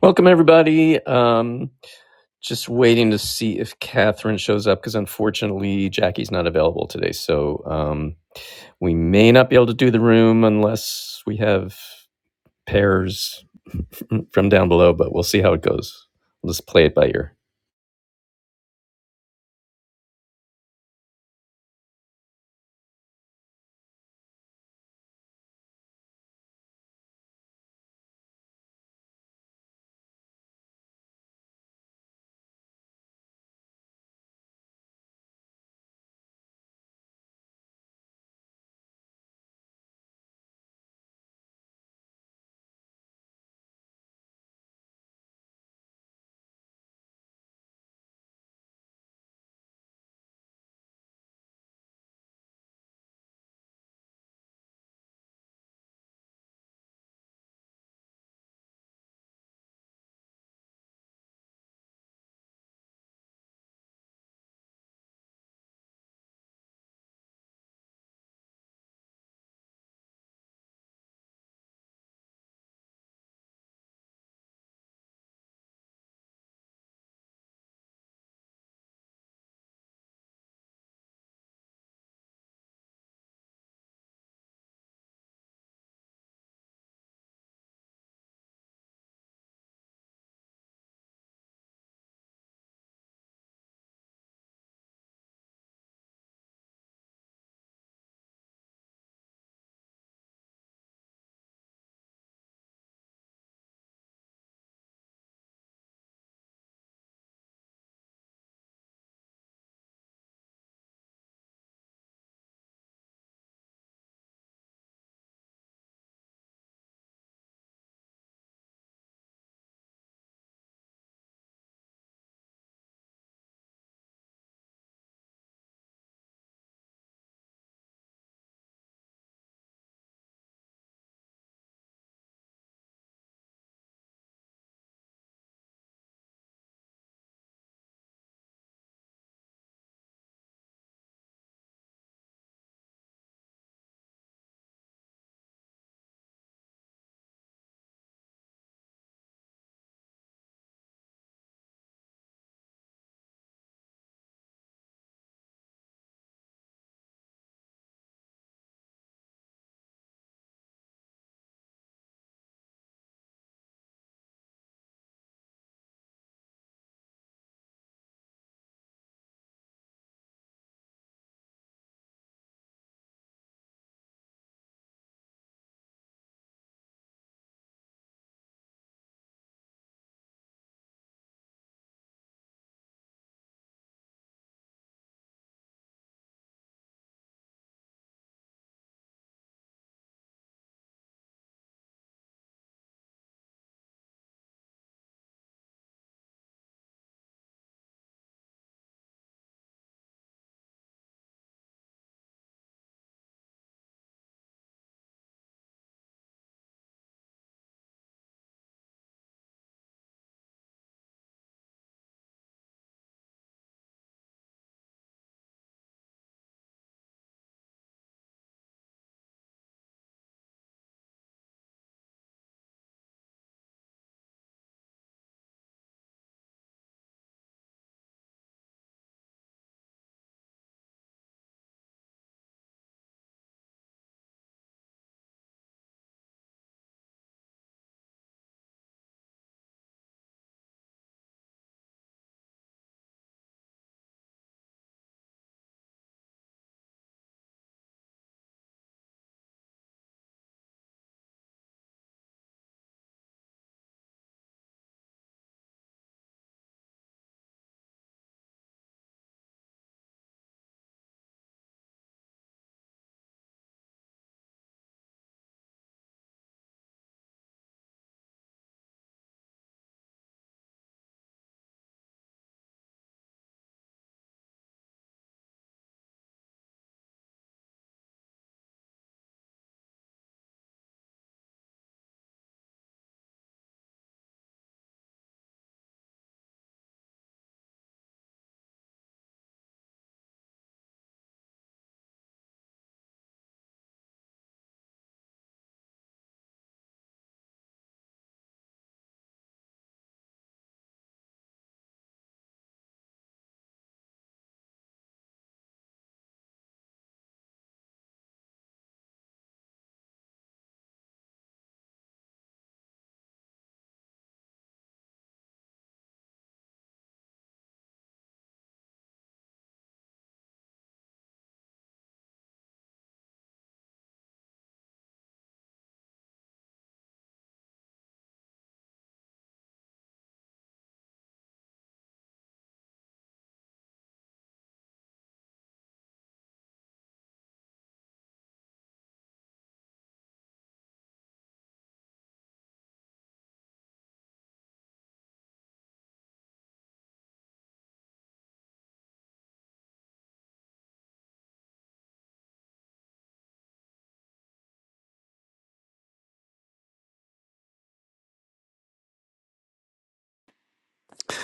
Welcome, everybody. Um, just waiting to see if Catherine shows up because unfortunately Jackie's not available today. So um, we may not be able to do the room unless we have pairs from down below, but we'll see how it goes. We'll just play it by ear.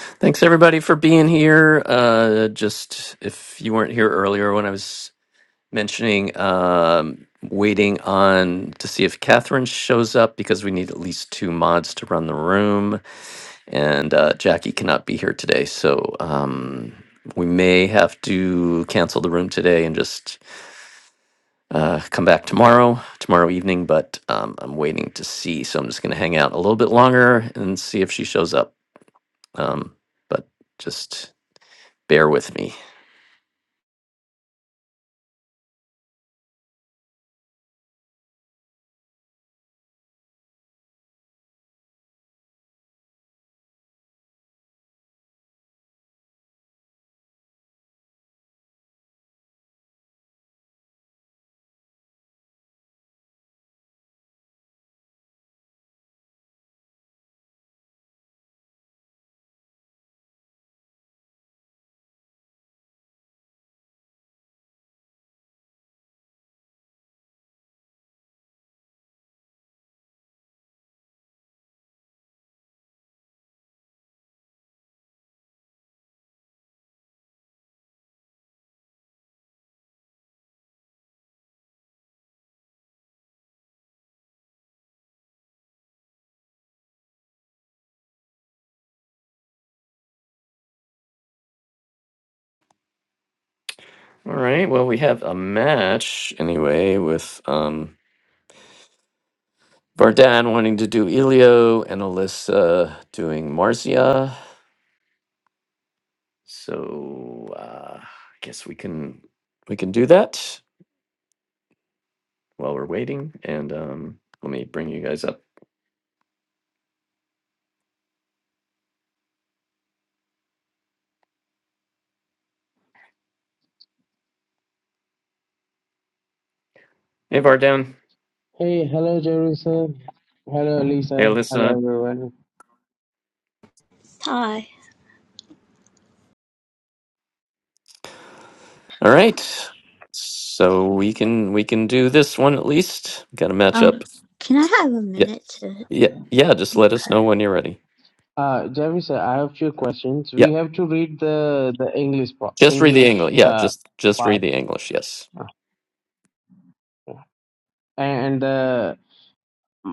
Thanks, everybody, for being here. Uh, just if you weren't here earlier when I was mentioning um, waiting on to see if Catherine shows up because we need at least two mods to run the room. and uh, Jackie cannot be here today, so um, we may have to cancel the room today and just uh, come back tomorrow, tomorrow evening. But um, I'm waiting to see, so I'm just going to hang out a little bit longer and see if she shows up. Um, but just bear with me. All right. Well, we have a match anyway with um, Vardan wanting to do Elio and Alyssa doing Marcia. So uh, I guess we can we can do that while we're waiting. And um, let me bring you guys up. Hey Vardan. Hey, hello, Jerry sir. Hello, Lisa. Hey Alyssa. Hello, everyone. Hi. All right. So we can we can do this one at least. Got to match up. Um, can I have a Yeah, minute to? yeah, yeah. Just let us Okay. know when you're ready. Uh, Jerry sir, I have few questions. Yeah, We have to read the the English part, just read the English English. Yeah, uh just just read part, the English. Yes. and the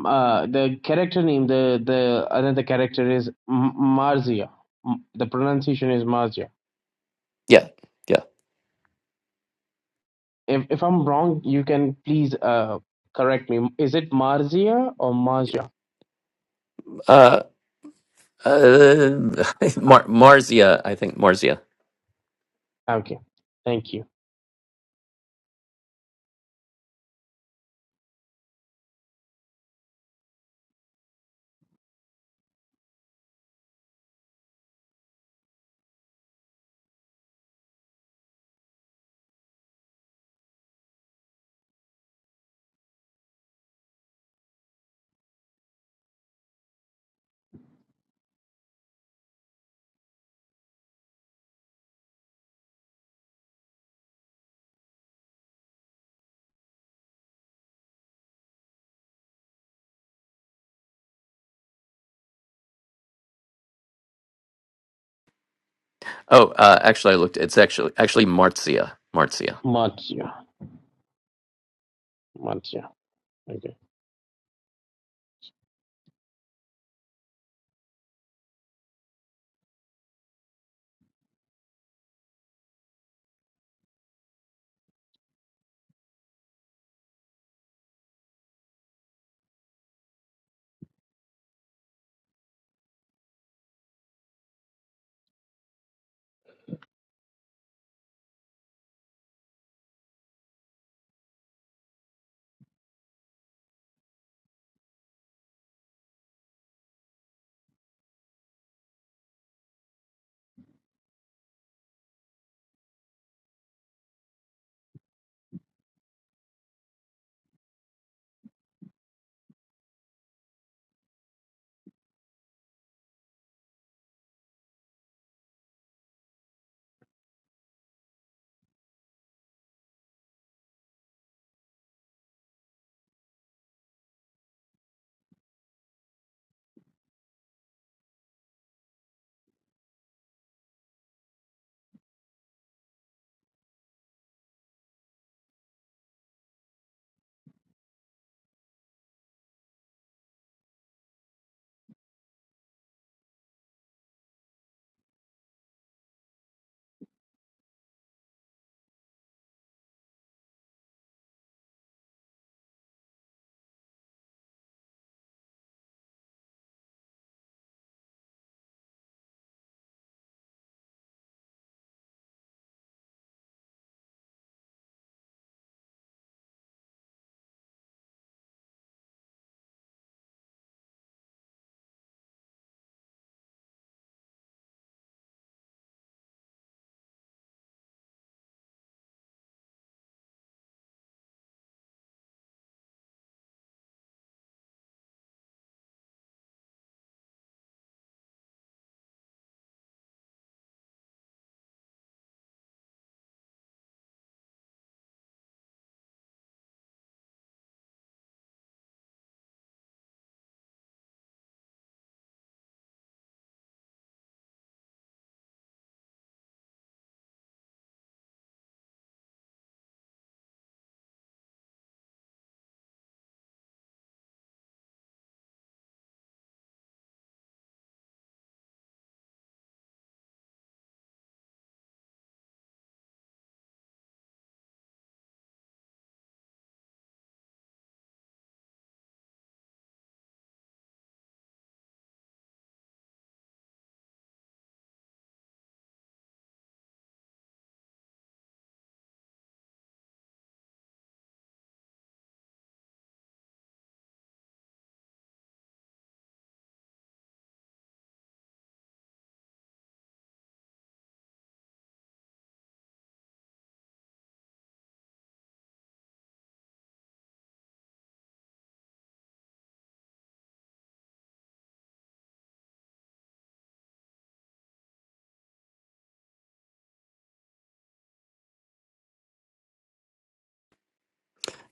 uh the character name the the another character is M- Marzia. M- The pronunciation is Marzia. Yeah, yeah. If if I'm wrong, you can please uh correct me. Is it Marzia or Marzia? Uh, Uh, Ah, Mar- Marzia, I think Marzia. Okay, thank you. Oh, uh, actually, I looked. It's actually actually Marzia. Marzia. Marzia, Marzia. Okay.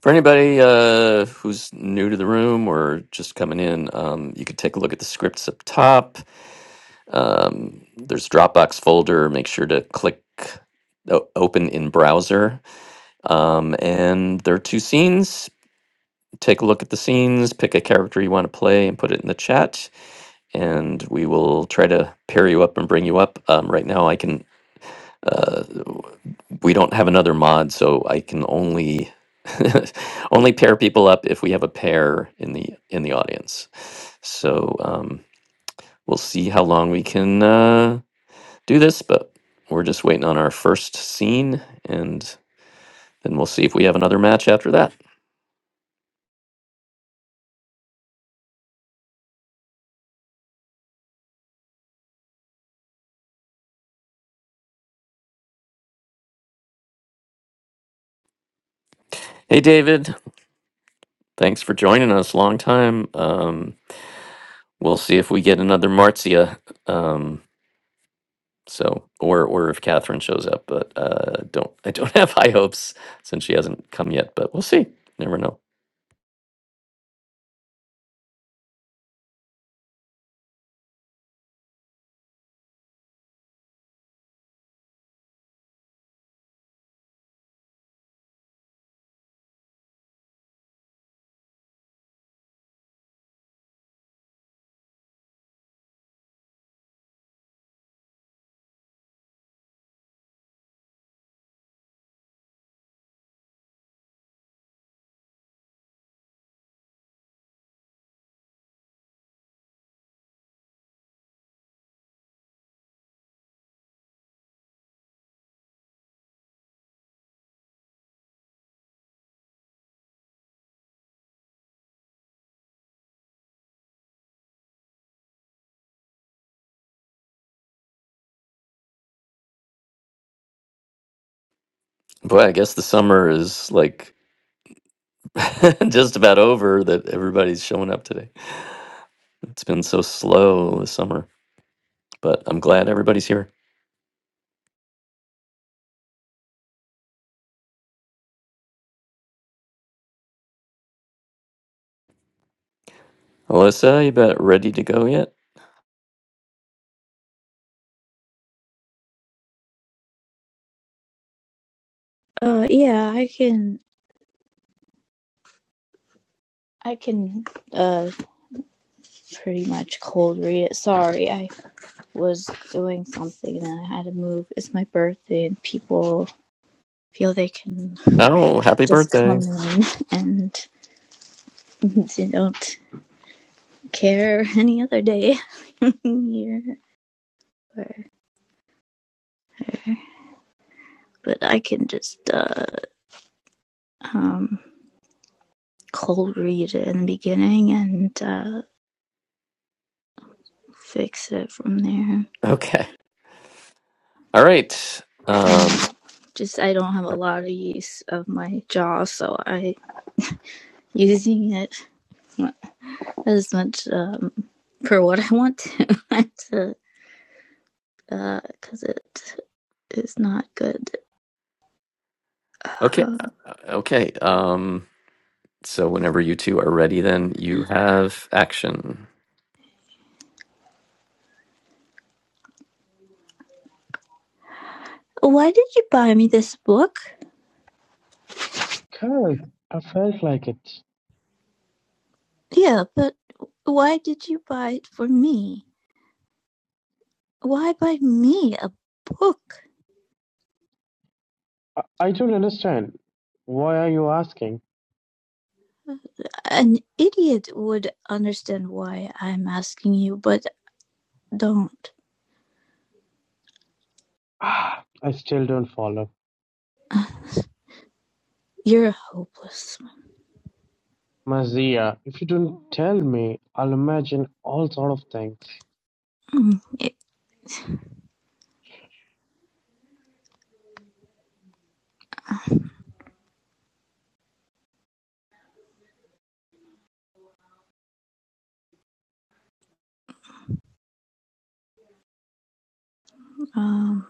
For anybody uh, who's new to the room or just coming in, um, you could take a look at the scripts up top. Um, there's Dropbox folder. Make sure to click o- open in browser. Um, and there are two scenes. Take a look at the scenes. Pick a character you want to play and put it in the chat. And we will try to pair you up and bring you up. Um, right now, I can Uh, we don't have another mod, so I can only only pair people up if we have a pair in the in the audience. So um, we'll see how long we can uh, do this, but we're just waiting on our first scene, and then we'll see if we have another match after that. Hey, David, thanks for joining us. Long time. Um, we'll see if we get another Marcia. Um, So, or or if Catherine shows up, but uh, don't I don't have high hopes since she hasn't come yet. But we'll see. Never know. Boy, I guess the summer is like just about over that everybody's showing up today. It's been so slow this summer, but I'm glad everybody's here. Alyssa, you bet ready to go yet? Uh, yeah, I can. I can. Uh, pretty much cold read it. Sorry, I was doing something and I had to move. It's my birthday, and people feel they can Oh, happy just birthday. come in and they don't care any other day here. But I can just uh um cold read it in the beginning and uh fix it from there. Okay. All right. Um, and just I don't have a lot of use of my jaw, so I using it as much um, for what I want to, to because uh, it is not good. okay. Um, uh, Okay. Um, so whenever you two are ready, then you have action. why did you buy me this book? Cause I felt like it. Yeah, but why did you buy it for me? Why buy me a book? I, I don't understand. Why are you asking? An idiot would understand why I'm asking you, but don't. Ah, I still don't follow. You're hopeless. Mazia, if you don't tell me, I'll imagine all sort of things. Mm, Um,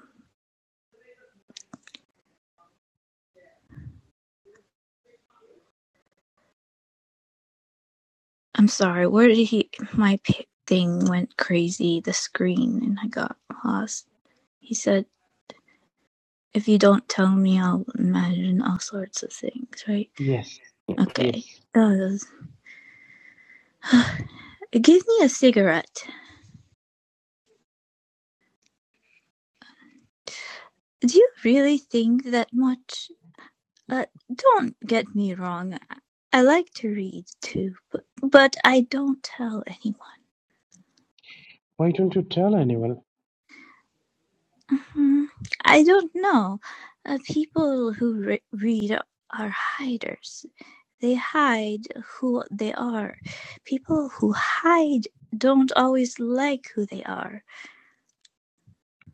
I'm sorry. Where did he? My p- thing went crazy. The screen, and I got lost. He said, "If you don't tell me, I'll imagine all sorts of things." Right? Yes, Okay. yes. That Give me a cigarette. Do you really think that much? Uh, don't get me wrong. I like to read too, but, but I don't tell anyone. Why don't you tell anyone? Mhm. I don't know. Uh, people who re- read are hiders. they hide who they are. People who hide don't always like who they are.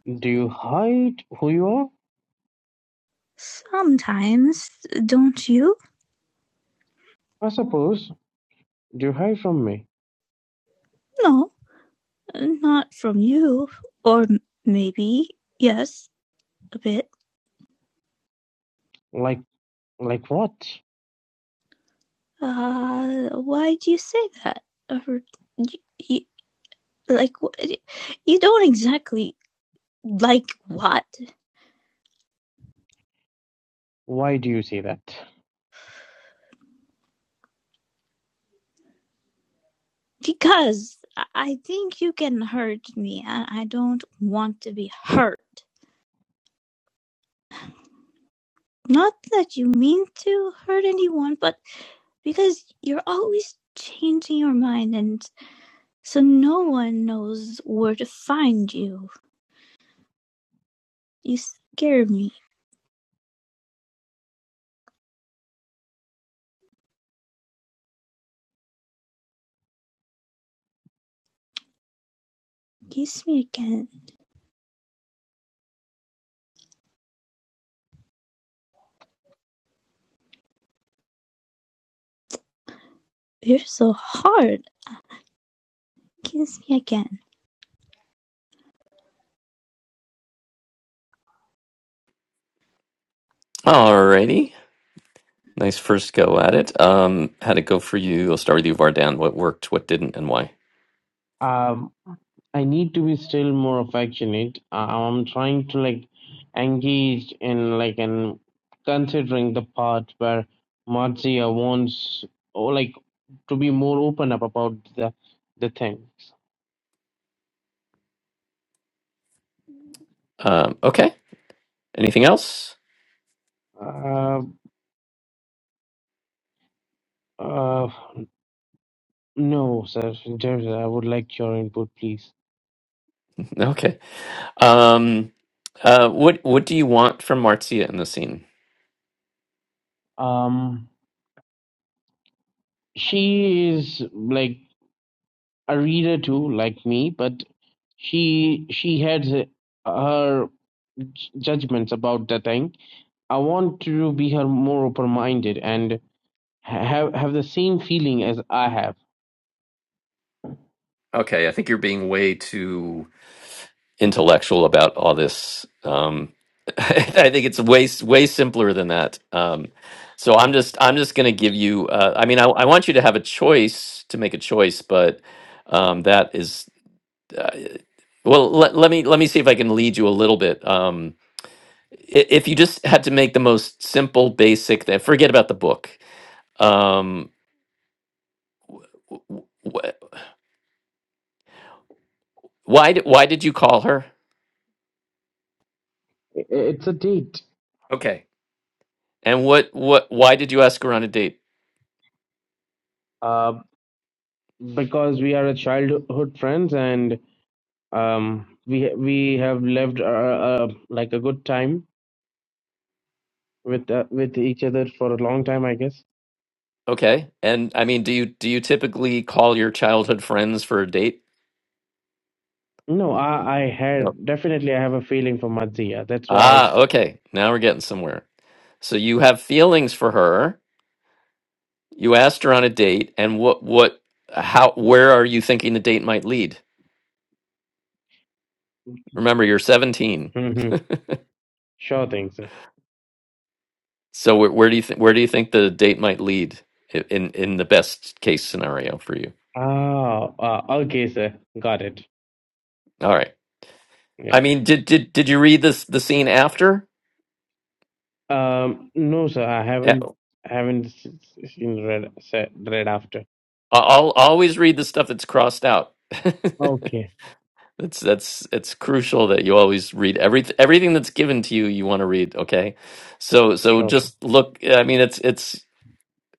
Do you hide who you are? Sometimes, don't you? I suppose. Do you hide from me? No, not from you. Or maybe, yes, a bit. Like, like what? Uh, why do you say that? Or, y y like, wh- you don't exactly like what? Why do you say that? Because I I think you can hurt me. I, I don't want to be hurt. Not that you mean to hurt anyone, but because you're always changing your mind, and so no one knows where to find you. You scare me. Kiss me again. You're so hard. Kiss me again. Alrighty. Nice first go at it. Um, how'd it go for you? I'll start with you, Vardan. What worked, what didn't, and why? Um. I need to be still more affectionate. I- I'm trying to like engage in like and considering the part where Marzia wants or like to be more open up about the the things. Um, okay. Anything else? Uh, uh, no, sir, Jersey, I would like your input, please. Okay. Um, uh, what What do you want from Marzia in the scene? Um, she is like a reader too, like me, but she she has her j- judgments about the thing. I want to be her more open minded and ha- have have the same feeling as I have. Okay, I think you're being way too intellectual about all this. Um, I think it's way s- way simpler than that. Um, so I'm just I'm just gonna give you. Uh, I mean, I, I want you to have a choice to make a choice, but um, that is uh, well let, let me let me see if i can lead you a little bit um i- if you just had to make the most simple basic thing forget about the book um w- w- why did why did you call her I- It's a date, okay and what what why did you ask her on a date uh, because we are a childhood friends and um, we we have lived uh, uh, like a good time with uh, with each other for a long time, I guess. okay and i mean do you do you typically call your childhood friends for a date No, I I no. had definitely I have a feeling for Madziya. That's why. I, ah okay now we're getting somewhere so you have feelings for her you asked her on a date and what what how where are you thinking the date might lead Remember, you're 17. Mhm. sure thing, sir. So where, where do you think where do you think the date might lead i- in in the best case scenario for you? Ah, ah, okay, sir. Got it. All right. I mean, did did did you read this the scene after? Um, no, sir, I Eh, haven't haven't s- s- seen Red se- Red After. I'll I'll always read the stuff that's crossed out. Okay, That's that's it's crucial that you always read every everything that's given to you. You want to read, okay? So so sure, thing. just look. I mean, it's it's.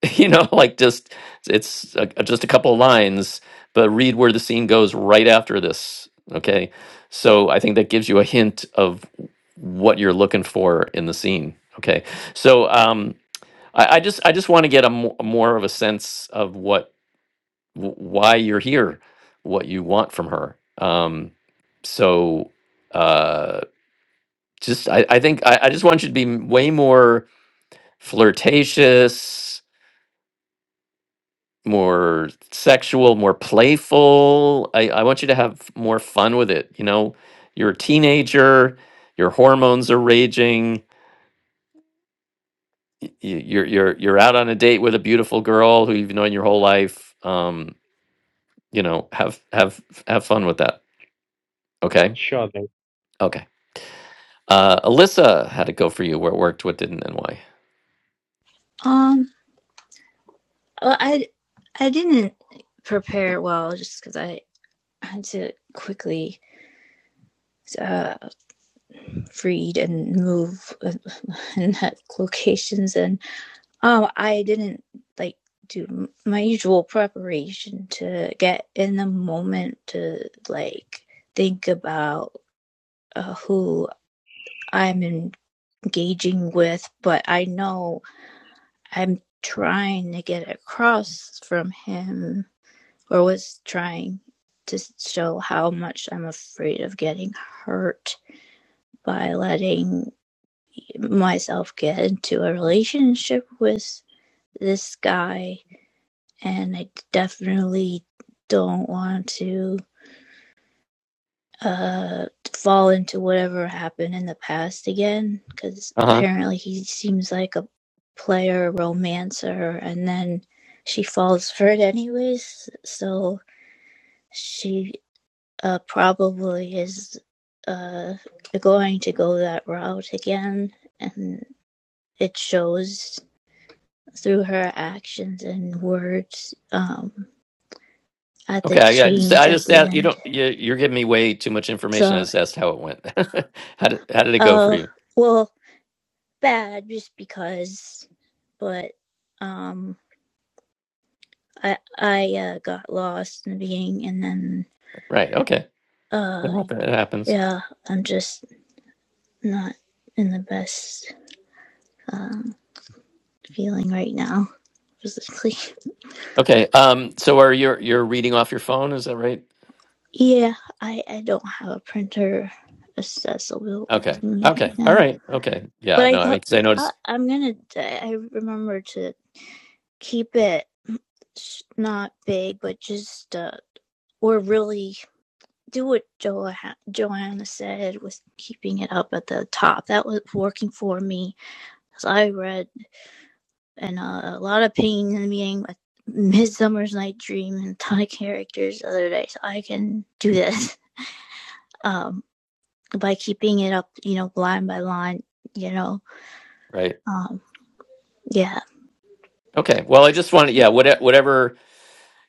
you know like just it's a, just a couple of lines but read where the scene goes right after this okay so i think that gives you a hint of what you're looking for in the scene okay so um i, I just i just want to get a mo- more of a sense of what wh- why you're here what you want from her um so uh just i, I think I, I just want you to be way more flirtatious more sexual, more playful. I, I want you to have more fun with it. You know, you're a teenager, your hormones are raging, y- y- you're you're you're out on a date with a beautiful girl who you've known your whole life. Um, you know, have have have fun with that. Okay. sure thing. Okay. Uh, Alyssa, how'd it go for you? Where it worked, what didn't, and why? Um, well, I I didn't prepare well just because I had to quickly uh, read and move and and have locations and Oh, I didn't like do m- my usual preparation to get in the moment to like think about uh, who I'm engaging with, but I know I'm trying to get across from him or was trying to show how much I'm afraid of getting hurt by letting myself get into a relationship with this guy and I definitely don't want to uh fall into whatever happened in the past again because Uh huh. apparently he seems like a player romancer and then she falls for it anyways so she uh probably is uh going to go that route again and it shows through her actions and words um at the Okay, I I just, change I at just the asked, you end. don't you, you're giving me way too much information. So. I just asked how it went. how did how did it go for Oh, you? well, bad just because, but um I I uh, got lost in the beginning and then Right. Okay. It uh happens. It happens. yeah, I'm just not in the best um feeling right now physically. Okay. Um. So are you you're reading off your phone? Is that right? Yeah, I I don't have a printer accessible Okay. to me Okay. right All now. right. Okay. But Yeah. I No. I mean, got because I I, noticed. I'm going to I remember to keep it not big but just uh or really do what jo- Joanna said with keeping it up at the top. That was working for me. As I read and uh, a lot of pain in the beginning with Midsummer's Night Dream and a ton of characters the other day. So I can do this um, by keeping it up, you know, line by line, you know. Right. Um, yeah. Okay. Well, I just wanted. Yeah. Whatever. Whatever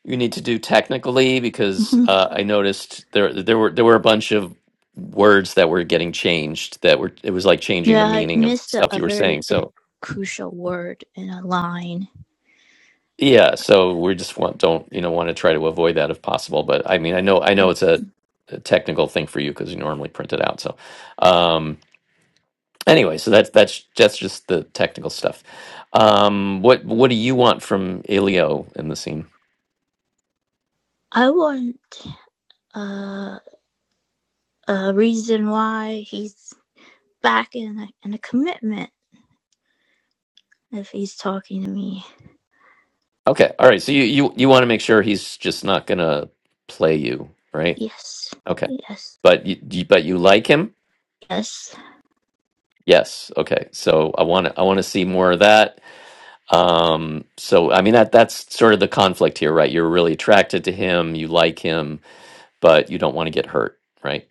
you need to do technically, because hmm uh, I noticed there there were there were a bunch of words that were getting changed. That were it was like changing the Yeah, I meaning of missed a, stuff a you were very saying. So crucial word in a line. yeah. So we just want don't you know want to try to avoid that if possible. But I mean, I know I know it's a, a technical thing for you because you normally print it out. So. Um, Anyway, so that's that's that's just the technical stuff. Um, what what do you want from Ilio in the scene? I want uh, a reason why he's back in a, and a commitment if he's talking to me. Okay, all right. So you you, you want to make sure he's just not gonna play you, right? Yes, Okay, yes, but you you- but you like him, yes. yes. Okay, so I want to I want to see more of that. Um, so I mean that that's sort of the conflict here, right? You're really attracted to him, you like him, but you don't want to get hurt, right?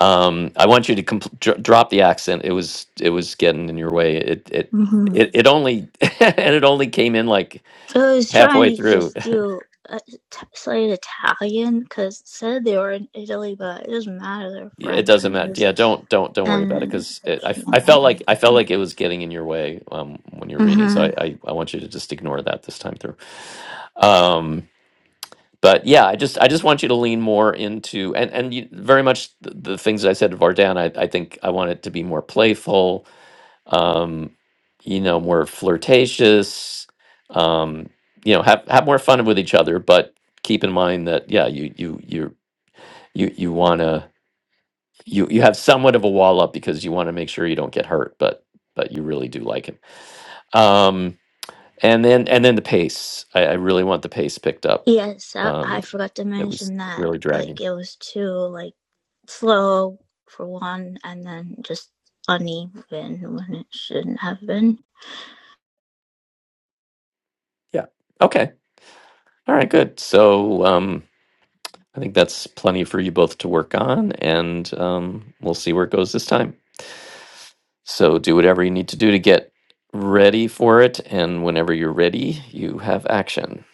Um, I want you to compl- dr- drop the accent. It was it was getting in your way. It it hmm it, it only and it only came in like I was trying halfway to through. just do a t- slight Italian because said they were in Italy, but it doesn't matter. They're Yeah, It French doesn't and matter. was- Yeah, don't don't don't worry about it and because I I f- I can't felt write. like I felt like it was getting in your way um, when you're reading. So Mm-hmm. I, I I want you to just ignore that this time through. Um, but yeah, I just I just want you to lean more into and and you, very much the, the things that I said to Vardan. I I think I want it to be more playful um, you know, more flirtatious, um, you know, have, have more fun with each other, but keep in mind that, yeah, you, you, you, you, you want to, you, you have somewhat of a wall up because you want to make sure you don't get hurt, but, but you really do like him. Um, and then, and then the pace, I, I really want the pace picked up. Yes, I, Um, I forgot to it was mention that. really Like dragging. it was too like slow for one, and then just uneven when it shouldn't have been. Yeah. Okay. All right, good. So, um, I think that's plenty for you both to work on and, um, we'll see where it goes this time. So do whatever you need to do to get ready for it, and whenever you're ready, you have action.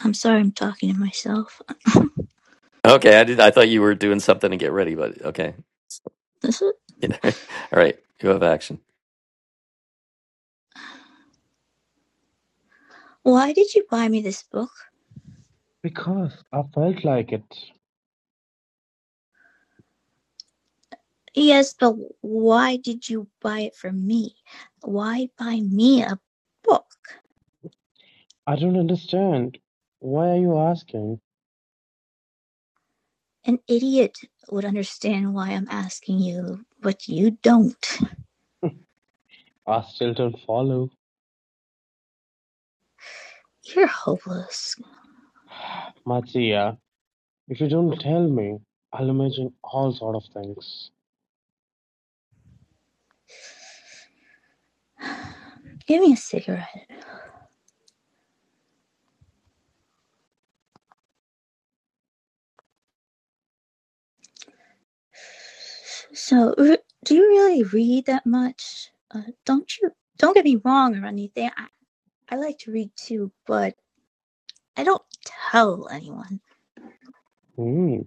I'm sorry, I'm talking to myself. Okay, I did. I thought you were doing something to get ready, but okay. This is, Yeah. All right, you have action. why did you buy me this book? Because I felt like it. Yes, but why did you buy it from me? Why buy me a book? I don't understand. Why are you asking? An idiot would understand why I'm asking you, but you don't. I still don't follow. You're hopeless. Matsuya, if you don't tell me, I'll imagine all sort of things. Give me a cigarette. So, re- do you really read that much? Uh, don't you? Don't get me wrong or anything. I, I like to read too, but I don't tell anyone. Hmm.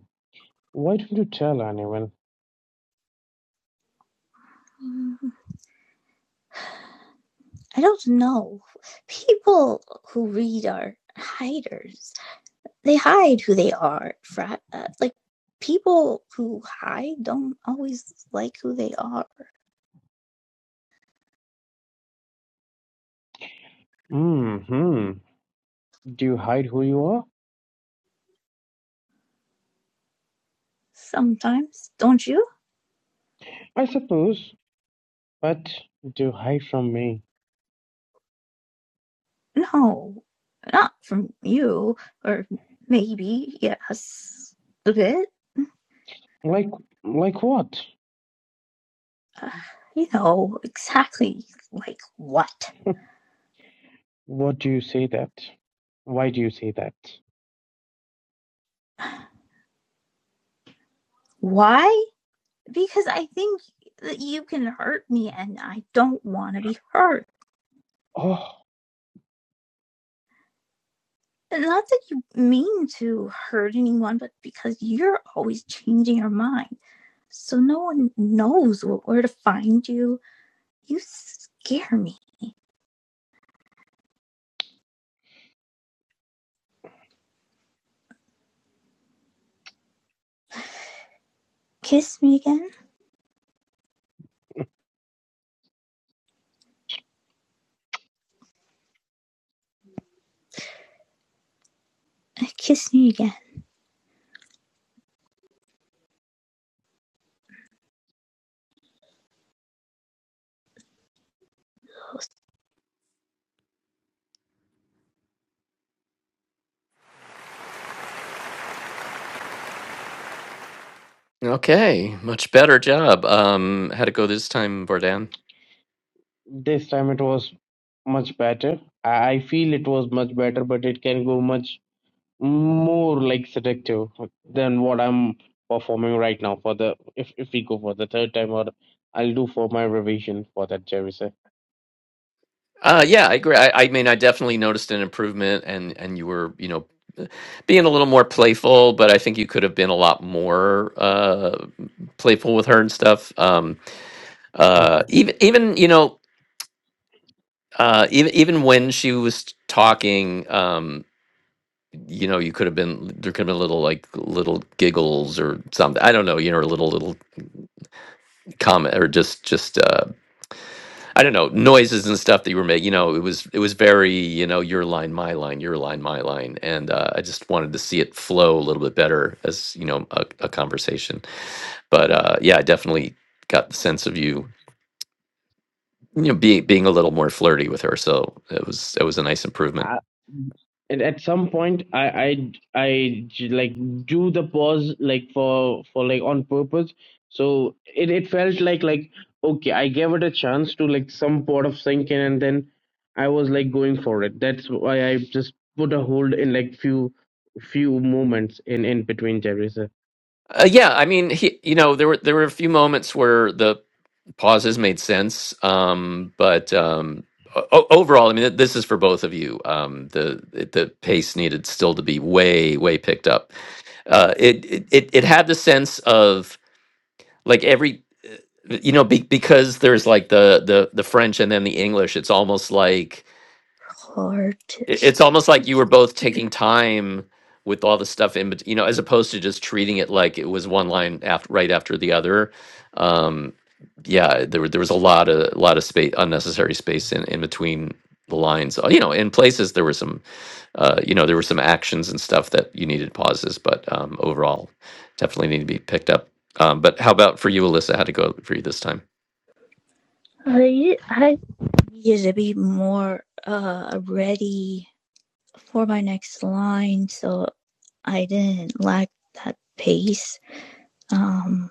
Why don't you tell anyone? Mm, I don't know. People who read are hiders. They hide who they are. Fra- uh, like people who hide don't always like who they are. Hmm. hmm. Do you hide who you are? Sometimes, don't you? I suppose, but do you hide from me? No, not from you. Or maybe yes, a bit. Like, like what? Uh, you know exactly like what? What do you say that? Why do you say that? Why? Because I think that you can hurt me, and I don't want to be hurt. Oh, not that you mean to hurt anyone, but because you're always changing your mind. So no one knows where to find you. You scare me. Kiss me again. Uh, Kiss me again. Most Okay, much better job. Um, how'd it go this time, Vardan? this time it was much better. I I feel it was much better, but it can go much more like seductive than what I'm performing right now for the if if we go for the third time or I'll do for my revision for that Jerry sir. Uh, yeah, I agree. I, I mean, I definitely noticed an improvement, and and you were, you know, being a little more playful, but I think you could have been a lot more uh, playful with her and stuff. Um, uh, even even you know uh even even when she was talking um you know you could have been there could have been little like little giggles or something i don't know you know or little little comment or just just uh i don't know noises and stuff that you were making you know it was it was very you know your line my line your line my line and uh, i just wanted to see it flow a little bit better as you know a, a conversation but uh yeah i definitely got the sense of you you know being being a little more flirty with her so it was it was a nice improvement I, at at some point I, I i j- like do the pause like for for like on purpose so it, it felt like like okay i gave it a chance to like some part of sink in and then i was like going for it that's why i just put a hold in like few few moments in in between jerisa Uh, yeah, I mean, he, you know, there were there were a few moments where the pauses made sense, um, but um, o- overall, I mean, this is for both of you. Um, the the pace needed still to be way way picked up. Uh, it, it it it had the sense of like every you know be, because there's like the the the French and then the English. It's almost like hard to it- it's almost like you were both taking hear. time with all the stuff in between, you know, as opposed to just treating it like it was one line after right after the other. Um, yeah, there were there was a lot of a lot of space, unnecessary space in in between the lines. Uh, You know, in places there were some uh, you know, there were some actions and stuff that you needed pauses, but um, overall, definitely need to be picked up. Um, but how about for you, Alyssa? How'd it go for you this time? I, I needed to be more uh, ready for my next line, so I didn't lack that pace, um,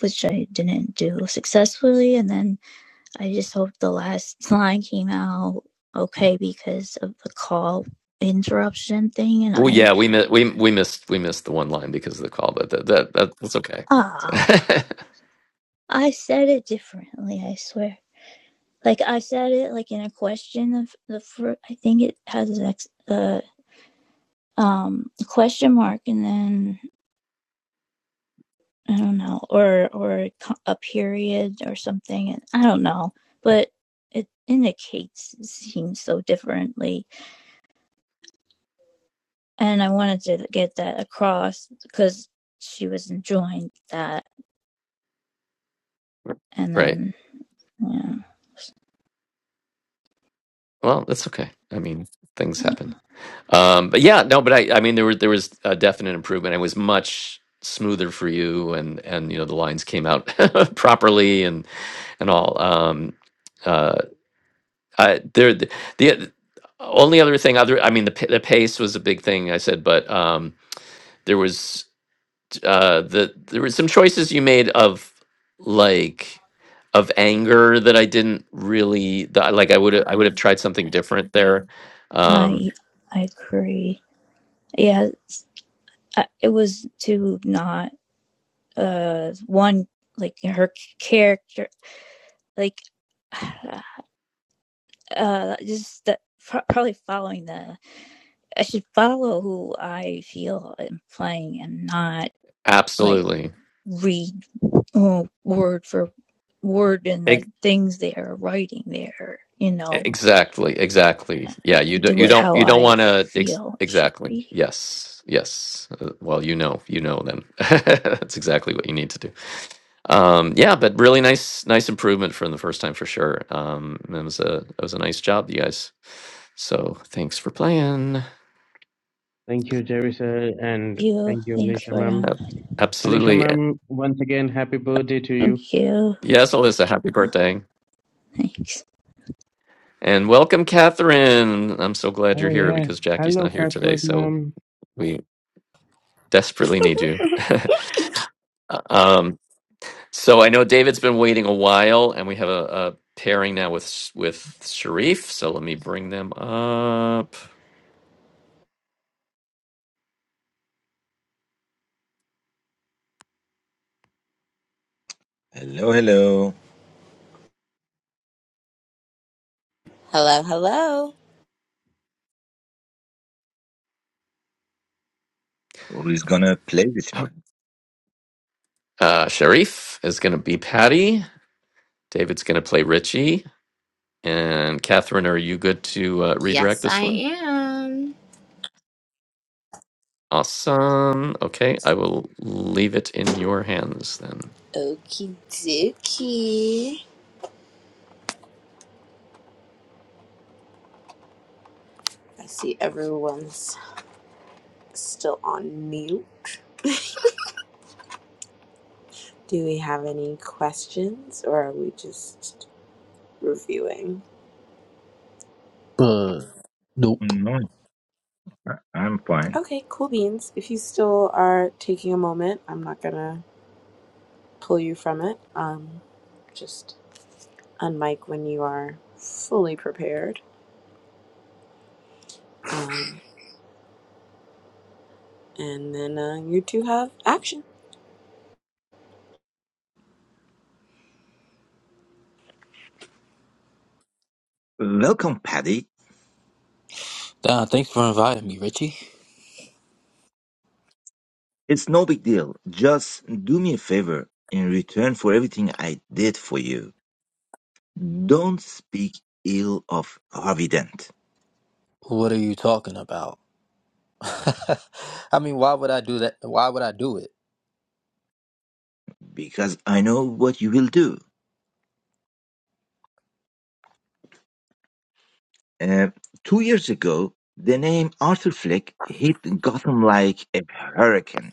which I didn't do successfully. And then I just hope the last line came out okay because of the call interruption thing. And Well, I, yeah, we mi- we we missed we missed the one line because of the call, but that that, that that's okay. oh, I said it differently, I swear. Like I said it like in a question of the first. I think it has an ex- uh, um question mark and then I don't know or or a period or something and I don't know, but it indicates it seems so differently and I wanted to get that across because she was enjoying that. And right. then, yeah, Well, that's okay. I mean, things happen. Um, but yeah, no, but I, I mean, there was there was a definite improvement. It was much smoother for you, and and you know the lines came out properly and and all. Um, uh, I there the, the only other thing, other I mean, the p- the pace was a big thing. I said, but um, there was uh the there were some choices you made of like of anger that I didn't really that, I- like. I would I would have tried something different there. Um, I I agree. Yeah, it was to not uh one like her character like uh just that probably following the I should follow who I feel I'm playing and not like absolutely. read oh, word for word in the things they are writing there. You know, Exactly, exactly. Yeah, you do, do you it don't how you don't I want to ex feel it should exactly. be. Yes. Yes. Uh, well, you know, you know then. That's exactly what you need to do. Um yeah, but really nice nice improvement from the first time for sure. Um it was a it was a nice job, you guys. So, thanks for playing. thank you jerisa and Thank you. thank you Thanks alicia for ma'am that. Ab- alicia Absolutely. ma'am once again happy birthday to you Thank you. Yes, Alyssa, happy birthday. Thanks. And welcome, Catherine. I'm so glad you're oh here yeah because Jackie's hello not here today, catwood so ma'am we desperately need you. um, So I know David's been waiting a while, and we have a, a pairing now with with Sharif. So let me bring them up. Hello, hello. Hello, hello. Who is gonna play with me? Uh, Sharif is going to be Patty. David's going to play Richie. And Catherine, are you good to uh, redirect Yes, this I one? am. Awesome. Okay, I will leave it in your hands then. Okie dokie. I see everyone's still on mute. Do we have any questions or are we just reviewing? But nope. No, I- I'm fine. Okay, cool beans. If you still are taking a moment, I'm not gonna pull you from it. Um, just unmic when you are fully prepared. Um, and then uh, you two have action. Welcome, Paddy. Ah, thanks for inviting me, Richie. It's no big deal. Just do me a favor in return for everything I did for you. Don't speak ill of Harvey Dent What are you talking about? I mean, why would I do that? Why would I do it? because I know what you will do. Uh, two years ago, the name Arthur Fleck hit Gotham like a hurricane.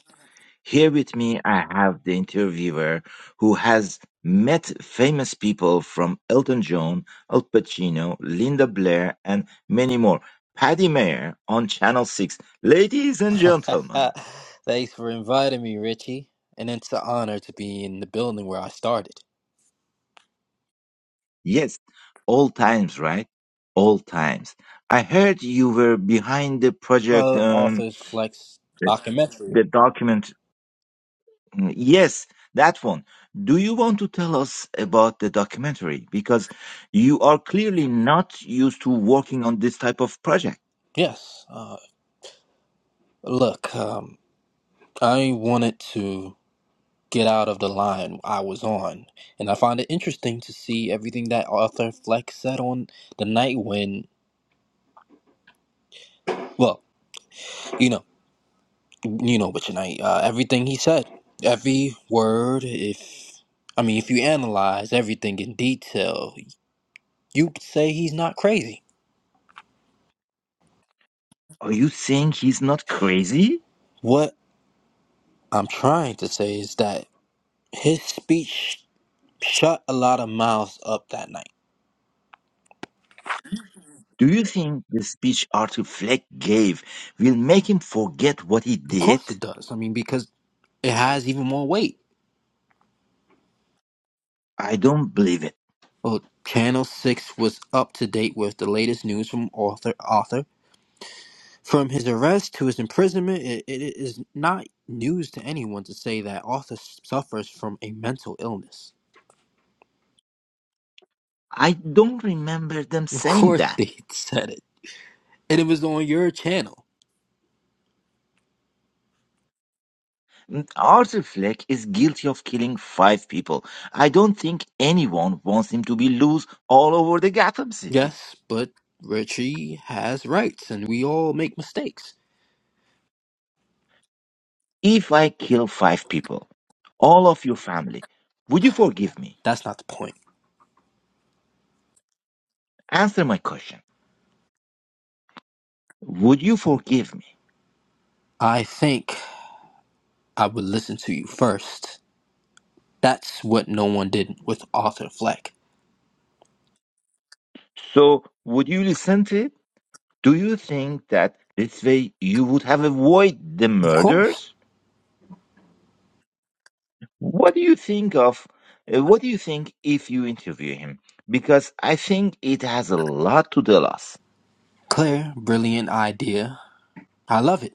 Here with me, I have the interviewer who has met famous people from Elton John, Al Pacino, Linda Blair, and many more. Paddy Mayer on Channel 6. Ladies and gentlemen, thanks for inviting me, Richie. And it's an honor to be in the building where I started. yes, all times, right? All times. I heard you were behind the project, Well, the um, author's flex the the documentary. document Mm, Yes, that one. Do you want to tell us about the documentary? Because you are clearly not used to working on this type of project. Yes. Uh, look, um, I wanted to get out of the line I was on, and I find it interesting to see everything that author Flex said on the night when, well, you know. You know, but tonight, uh, everything he said, every word, if I mean, if you analyze everything in detail, you could say he's not crazy. Are you saying he's not crazy? What I'm trying to say is that his speech shut a lot of mouths up that night. Do you think the speech Arthur Fleck gave will make him forget what he Of did? course it does. I mean, because it has even more weight. I don't believe it. Well, Channel 6 was up to date with the latest news from author, author. From his arrest to his imprisonment, it, it is not news to anyone to say that Arthur suffers from a mental illness. I don't remember them Of saying course, that. they said it. And it was on your channel. Mm, Arthur Fleck is guilty of killing five people. I don't think anyone wants him to be loose all over the Gotham City. Yes, but Richie has rights and we all make mistakes. If I kill five people, all of your family, would you forgive me? That's not the point. Answer my question. Would you forgive me? I think I would listen to you first. That's what no one did with Arthur Fleck. So, would you listen to it? Do you think that this way you would have avoided the Of course. murders? What do you think of? uh, What do you think if you interview him? Because I think it has a lot to tell us. Clear, brilliant idea. I love it.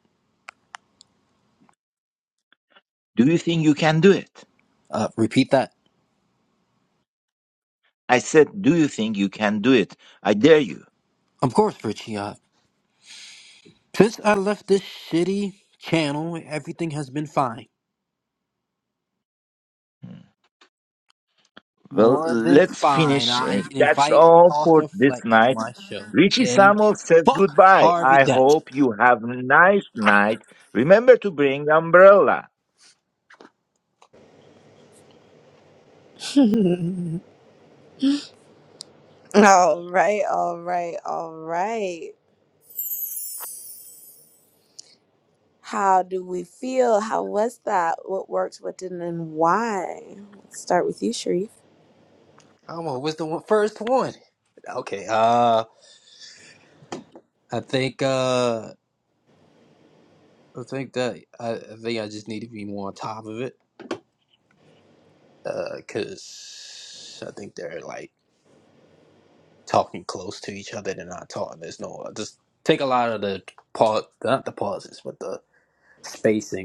Do you think you can do it? Uh, repeat that. I said, Do you think you can do it? I dare you. Of course, Richie. Uh, Since I left this shitty channel, everything has been fine. Hmm. Well, More than let's fine. finish. I Uh, That's invite all for Foster this Fleck to night. my show. Richie And Samuel says fuck goodbye. Harvey I Dent. hope you have a nice night. Remember to bring umbrella. All right, all right, all right. How do we feel? How was that? What worked, what didn't, and why? Let's start with you, Sharif. I don't know, was the one, first one? Okay, uh, I think, uh, I think that, I, I think I just need to be more on top of it. Uh, cause I think they're like talking close to each other. They're not talking. There's no, just take a lot of the pause, not the pauses, but the spacing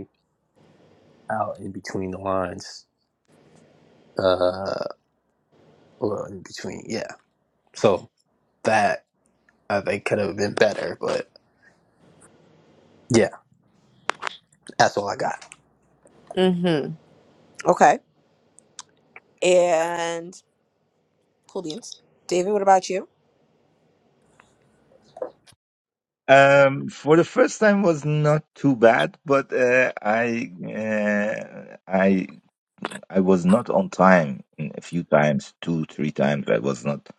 out in between the lines. Uh, well, in between, yeah. So that I think could have been better, but yeah, that's all I got. Mm-hmm. Okay. And cool beans. David, what about you? Um, for the first time was not too bad, but uh, I uh, I I was not on time in a few times, two three times. I was not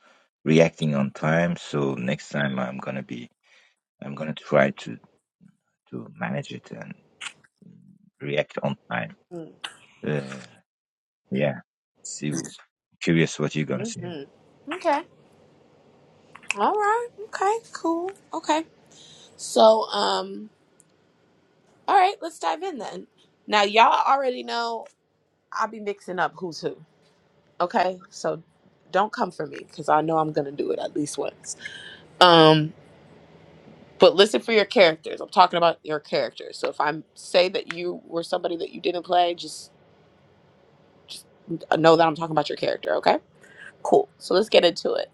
reacting on time, so next time I'm gonna be I'm gonna try to to manage it and react on time. Mm-hmm. Uh, Yeah. See, curious what you're gonna say. Okay. All right. Okay. Cool. Okay. So, um, all right, let's dive in then. Now, y'all already know I'll be mixing up who's who. Okay, so don't come for me because I know I'm gonna do it at least once. Um, but listen for your characters. I'm talking about your characters. So if I say that you were somebody that you didn't play, just know that I'm talking about your character. Okay, cool. So let's get into it.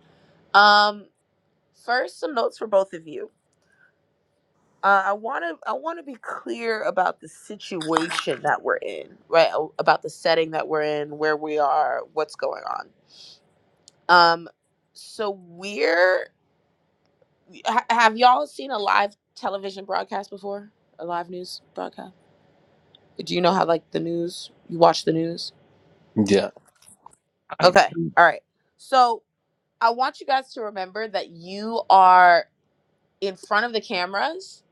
Um, first, some notes for both of you. Uh, I want to I want to be clear about the situation that we're in, right? A- About the setting that we're in, where we are, what's going on. Um, so we're ha- have y'all seen a live television broadcast before? A live news broadcast? Do you know how like the news? You watch the news? Yeah, I Okay. do. All right. So I want you guys to remember that you are in front of the cameras,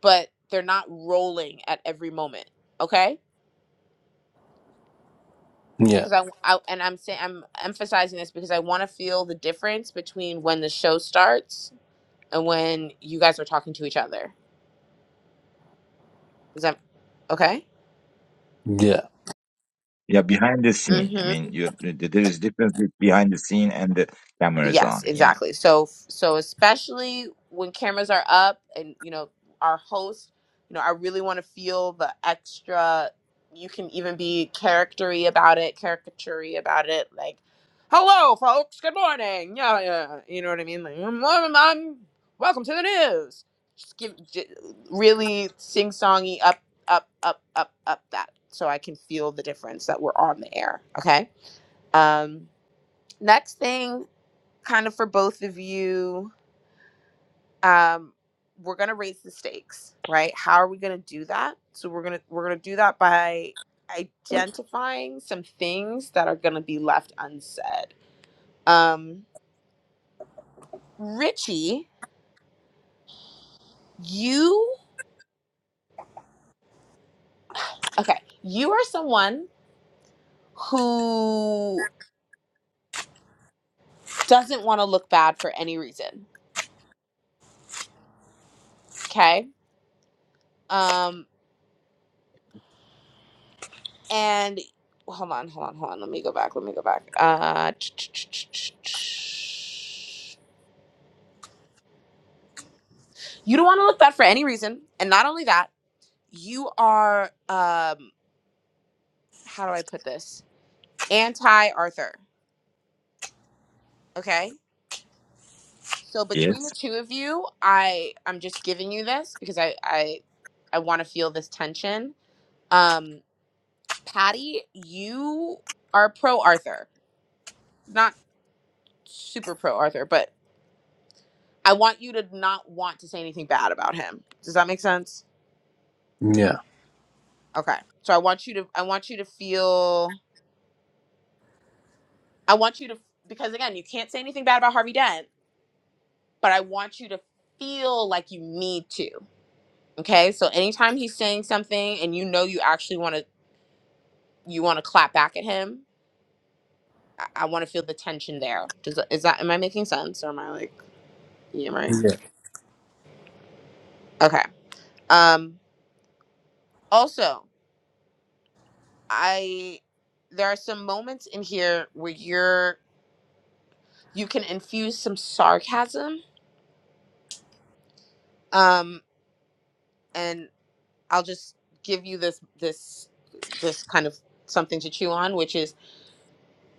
but they're not rolling at every moment. Okay. yeah, Because I, I and I'm saying I'm emphasizing this because I want to feel the difference between when the show starts and when you guys are talking to each other. Is that okay? yeah, Yeah, behind the scene. I Mm-hmm. mean, you there is difference with behind the scene and the cameras Yes, on. Yeah. exactly. So so especially when cameras are up and you know our host, you know, I really want to feel the extra you can even be charactery about it, caricaturey about it, like hello folks, good morning. Yeah, yeah. yeah, You know what I mean? Like I'm, i welcome to the news. Just give j- really sing-songy up up up up up that so I can feel the difference that we're on the air, okay? Um next thing kind of for both of you um we're going to raise the stakes right how are we going to do that so we're going to we're going to do that by identifying some things that are going to be left unsaid um richie you okay you are someone who doesn't want to look bad for any reason okay um and hold on hold on hold on let me go back let me go back uh You don't want to look bad for any reason. And not only that, you are um how do I put this? Anti Arthur, okay? So between the Yes. two of you, I I'm just giving you this because I I I want to feel this tension. Um Patty, you are pro Arthur. Not super pro Arthur, but I want you to not want to say anything bad about him. Does that make sense? yeah, Okay. So I want you to I want you to feel I want you to, because again, you can't say anything bad about Harvey Dent, but I want you to feel like you need to. Okay. So anytime he's saying something and you know you actually want to, you want to clap back at him, I, I want to feel the tension there. Does is that, am I making sense? Or am I like, yeah, am yeah. Okay. Um, also, I, there are some moments in here where you're, you can infuse some sarcasm. Um, And I'll just give you this this this kind of something to chew on, which is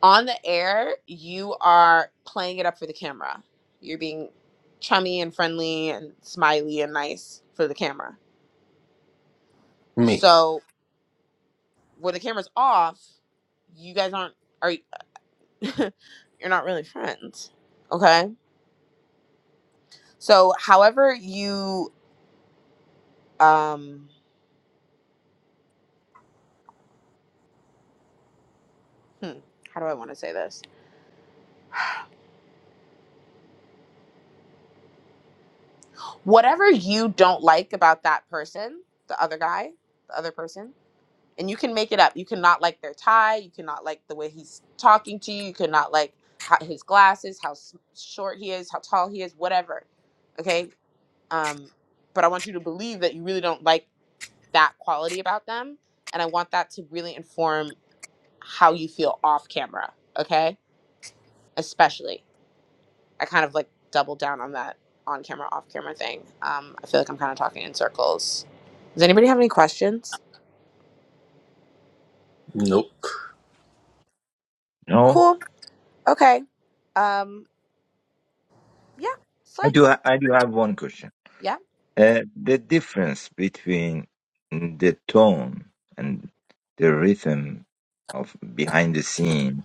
on the air, you are playing it up for the camera. You're being chummy and friendly and smiley and nice for the camera. Me. So when the camera's off, you guys aren't are you're not really friends. Okay? So however you um hmm, how do I want to say this? Whatever you don't like about that person, the other guy, the other person, and you can make it up. You cannot like their tie. You cannot like the way he's talking to you. You cannot like how, his glasses, how s- short he is, how tall he is, whatever. Okay. Um, but I want you to believe that you really don't like that quality about them. And I want that to really inform how you feel off camera. Okay. Especially. I kind of like double down on that on camera, off camera thing. Um, I feel like I'm kind of talking in circles. Does anybody have any questions? Nope. No. Cool. Okay. Um, Yeah, I slick. do. ha- I do have one question. Yeah. Uh, the difference between the tone and the rhythm of behind the scene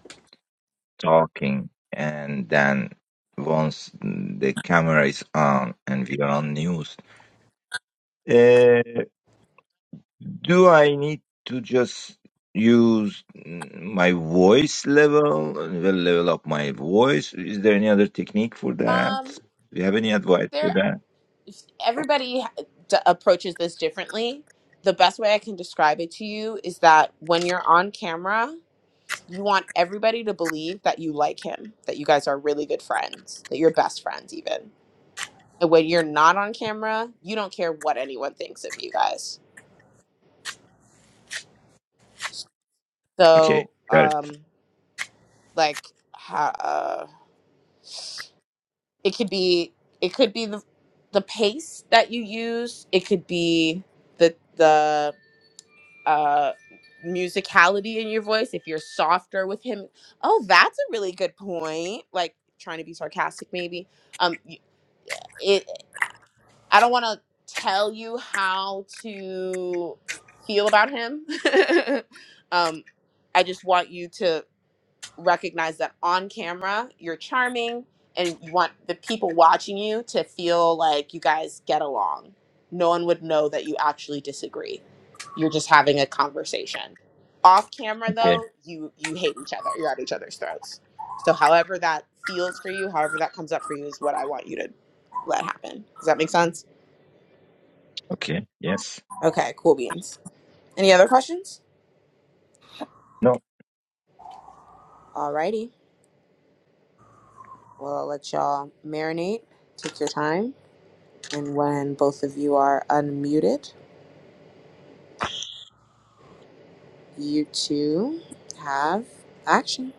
talking, and then once the camera is on and we are on news. uh, Do I need to just use mm, my voice level, the level up my voice? Is there any other technique for that? Um, Do you have any advice there. for that? Everybody ha- d- approaches this differently. The best way I can describe it to you is that when you're on camera, you want everybody to believe that you like him, that you guys are really good friends, that you're best friends, even. And when you're not on camera, you don't care what anyone thinks of you guys. Okay, So, got it. um, like, ha- uh, it could be, it could be the the pace that you use. It could be the the uh musicality in your voice if you're softer with him oh that's a really good point like trying to be sarcastic maybe um y- eh, it i don't want to tell you how to feel about him um i just want you to recognize that on camera you're charming and you want the people watching you to feel like you guys get along. No one would know that you actually disagree. You're just having a conversation. Off camera Okay, though, you you hate each other. You're at each other's throats. So however that feels for you, however that comes up for you is what I want you to let happen. Does that make sense? okay, yes. Okay, cool beans. Any other questions? No, Alrighty. Well I'll let y'all marinate. Take your time And when both of you are unmuted, you two have action.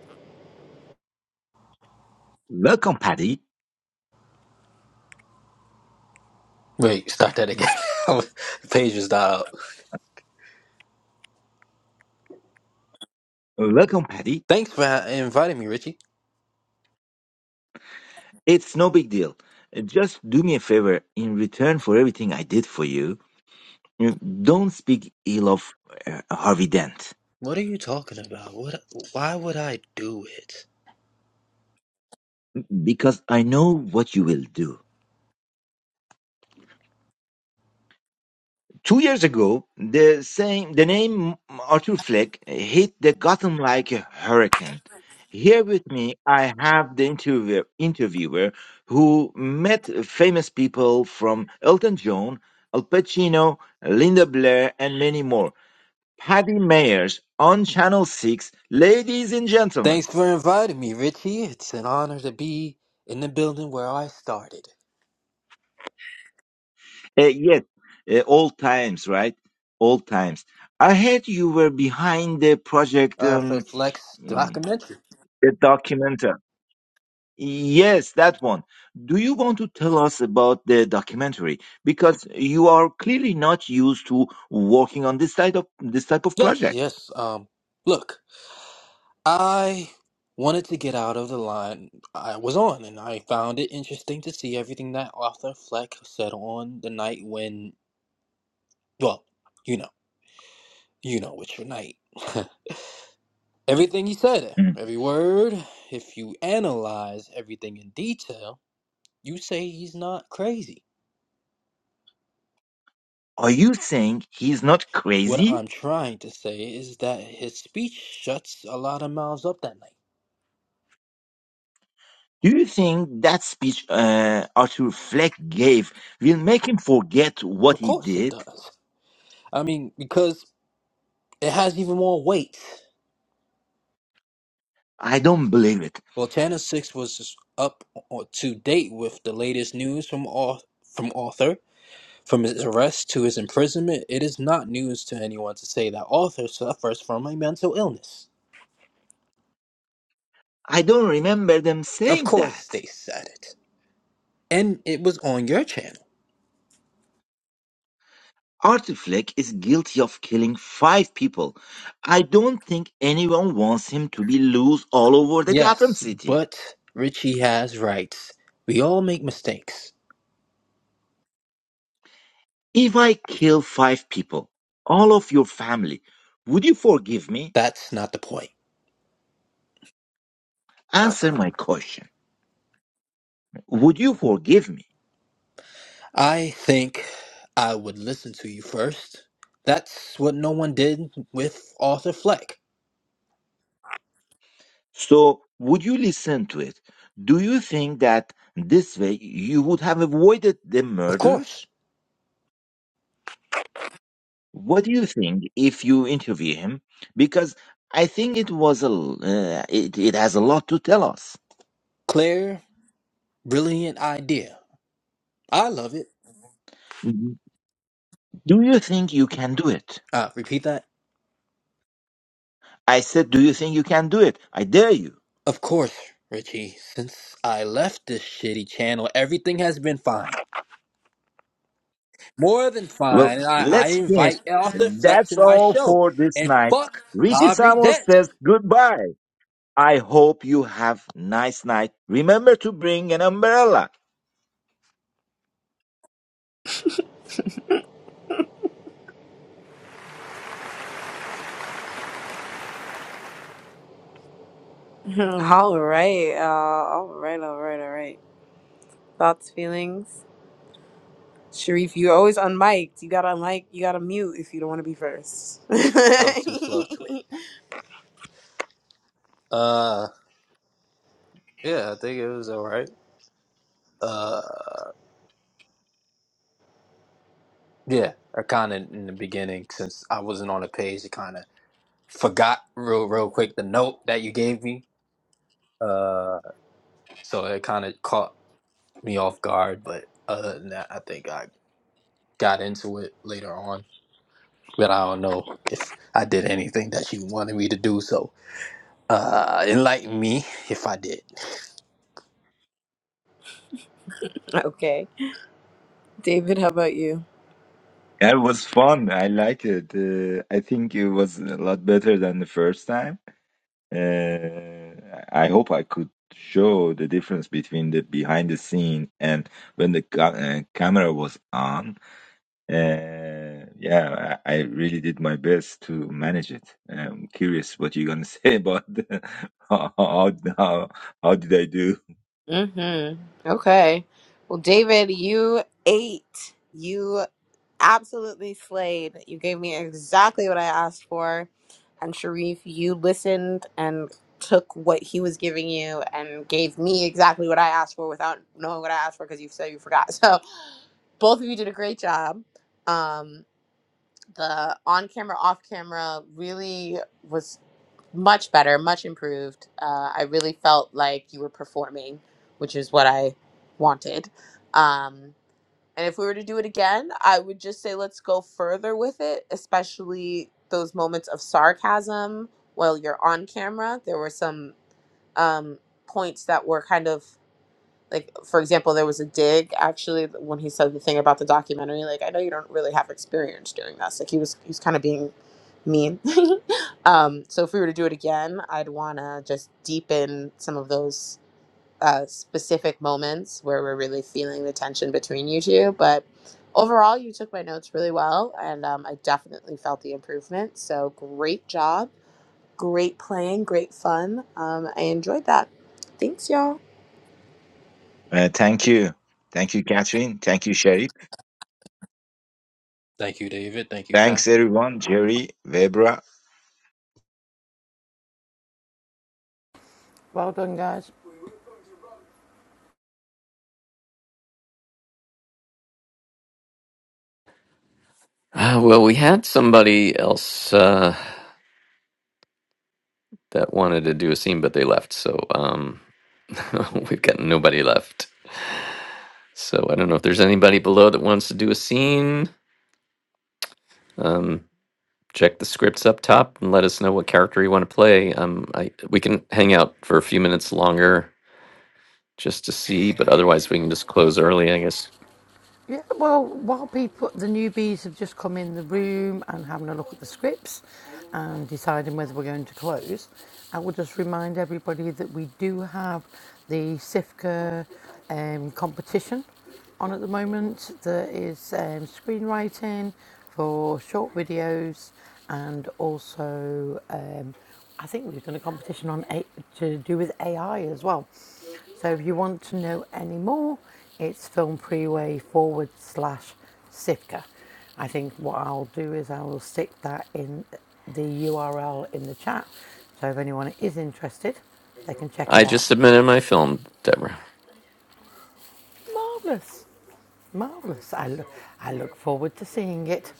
welcome, Patty. Wait, start that again. The Page is dialed. out. Welcome, Patty. Thanks for ha- inviting me, Richie. It's no big deal. Uh, Just do me a favor. In return for everything I did for you, you don't speak ill of uh, Harvey Dent What are you talking about? What? Why would I do it? because I know what you will do Two years ago, the same the name Arthur Fleck hit the Gotham like a hurricane. Here with me, I have the interviewer, interviewer who met famous people from Elton John, Al Pacino, Linda Blair, and many more. Paddy Mayers on Channel 6, ladies and gentlemen. Thanks for inviting me, Richie. It's an honor to be in the building where I started. Uh, yes, uh, old times, right? Old times. I heard you were behind the project, Uh, for um, Flex mm, documentary. the documentary. Yes, that one. Do you want to tell us about the documentary? Because you are clearly not used to working on this type of this type of Yes, project. yes. Um, look, I wanted to get out of the line I was on, and I found it interesting to see everything that Arthur Fleck said on the night when, well, you know, you know, it's your night. everything he said, Mm. every word, if you analyze everything in detail, you say he's not crazy. Are you saying he's not What crazy? I'm trying to say is that his speech shuts a lot of mouths up that night. Do you think that speech uh, Arthur Fleck gave will make him forget what Of he course it did? does. I mean, because it has even more weight. I don't believe it. Well, Channel Six was up to date with the latest news from au- from Arthur, from his arrest to his imprisonment. It is not news to anyone to say that Arthur suffers from a mental illness. I don't remember them Of saying that. course, they said it, and it was on your channel. Arthur Fleck is guilty of killing five people. I don't think anyone wants him to be loose all over the Gotham Yes, City. but Richie has rights. We all make mistakes. If I kill five people, all of your family, would you forgive me? That's not the point. Answer my question. Would you forgive me? I think I would listen to you first. That's what no one did with Arthur Fleck. So, would you listen to it? Do you think that this way you would have avoided the Of murders? course. What do you think if you interview him? Because I think it was a l- uh, it, it has a lot to tell us. Claire Brilliant idea. I love it. Mhm. Do you think you can do it? Uh, repeat that. I said, do you think you can do it? I dare you. Of course, Richie. Since I left this shitty channel, everything has been fine. More than Well, fine. And I, I let's finish. invite Arthur Fleck to That's my all show. for this And night. fuck Richie Harvey Samos Dent. says goodbye. I hope you have nice night. Remember to bring an umbrella. all right. Uh, all right. All right. All right. Thoughts, feelings. Sharif, you're always unmiked. You gotta unmic. You gotta mute if you don't want to be first. I was too slow to it. Uh, yeah, I think it was alright. Uh, yeah, I kind of in the beginning, since I wasn't on the page, I kind of forgot real, real quick the note that you gave me. Uh, so it kind of caught. me off guard, but other than that, I think I got into it later on. But I don't know if I did anything that you wanted me to do. So uh, enlighten me if I did. okay. David, how about you? Yeah, it was fun. I like it. Uh, I think it was a lot better than the first time. Uh, I hope I could show the difference between the behind the scene and when the ca- uh, camera was on. Uh, yeah, I, I really did my best to manage it. I'm curious what you're gonna say about the, how, how how how did I do? Mm-hmm. Okay. Well, David, you ate. You absolutely slayed. You gave me exactly what I asked for. And Sharif, you listened and took what he was giving you and gave me exactly what I asked for without knowing what I asked for because you said you forgot. So both of you did a great job. Um, the on camera, off camera really was much better, much improved. Uh, I really felt like you were performing, which is what I wanted. Um, and if we were to do it again, I would just say let's go further with it, especially those moments of sarcasm while you're on camera. There were some um, points that were kind of like for example there was a dig actually when he said the thing about the documentary like i know you don't really have experience doing this like he was he was kind of being mean um so if we were to do it again i'd want to just deepen some of those uh, specific moments where we're really feeling the tension between you two but overall you took my notes really well and um, i definitely felt the improvement so great job great playing great fun um, i enjoyed that thanks y'all Uh, thank you, thank you, Catherine. Thank you, Sharif. Thank you, David. Thank you, Thanks Catherine. everyone, Jerry, Webra, Well done, guys. Uh, well, we had somebody else uh, that wanted to do a scene, but they left. So um, we've got nobody left. So I don't know if there's anybody below that wants to do a scene. Um, check the scripts up top and let us know what character you want to play. Um, I we can hang out for a few minutes longer just to see, but otherwise we can just close early, I guess. Yeah, well, while people, the newbies have just come in the room and having a look at the scripts and deciding whether we're going to close, I will just remind everybody that we do have the SIFCA um, competition on at the moment. There is um, screenwriting for short videos and also um, I think we've done a competition on a- to do with AI as well. So if you want to know any more, it's film freeway forward slash Sitka. I think what I'll do is I will stick that in the URL in the chat. So if anyone is interested, they can check it I out. just submitted my film, Deborah. Marvellous. Marvellous. I, lo- I look forward to seeing it.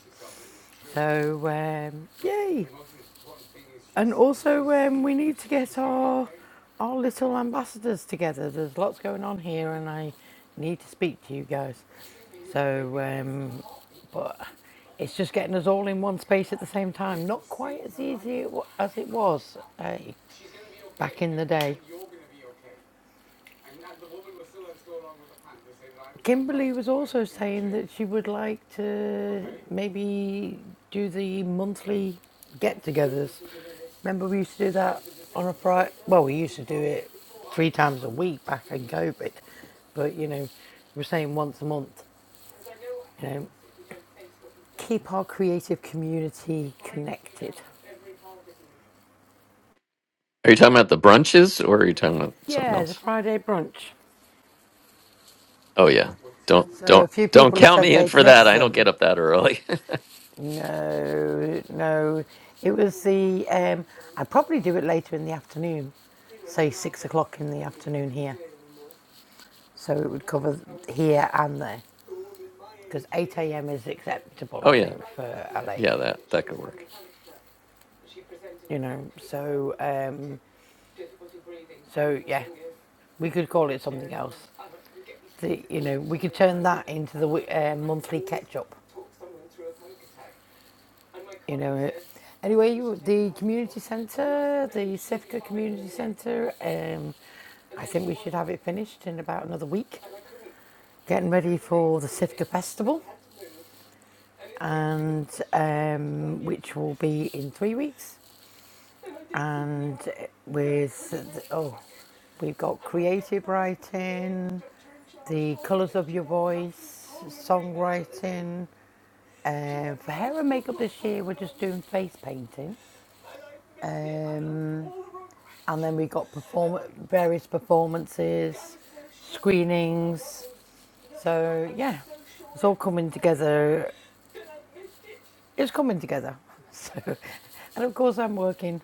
So, um, yay. And also, um, we need to get our our little ambassadors together. There's lots going on here, and I need to speak to you guys. So, um, but it's just getting us all in one space at the same time. Not quite as easy as it was uh, back in the day. Kimberly was also saying that she would like to maybe do the monthly get togethers. Remember, we used to do that on a Friday. Well, we used to do it three times a week back in COVID, but you know, we're saying once a month, you know, keep our creative community connected. Are you talking about the brunches or are you talking about something Yeah, the else? Friday brunch. Oh yeah. Don't So a don't few don't people have count said me in they'd for that. miss I don't them get up that early. No, no. It was the. Um, I'd probably do it later in the afternoon, say six o'clock in the afternoon here, so it would cover here and there, because eight a.m. is acceptable, oh I yeah. think, for LA. Yeah, that that could work. You know, so um, so yeah, we could call it something else. The, you know, we could turn that into the uh, monthly catch up. you know Anyway, you, the community centre, the Sifka Community Centre, um, I think we should have it finished in about another week. Getting ready for the Sifka Festival, and um, which will be in three weeks. And with, oh, we've got creative writing, the colours of your voice, songwriting. Uh, for hair and makeup this year, we're just doing face painting. Um, and then we got perform- various performances, screenings. So yeah, it's all coming together. It's coming together. So, and of course I'm working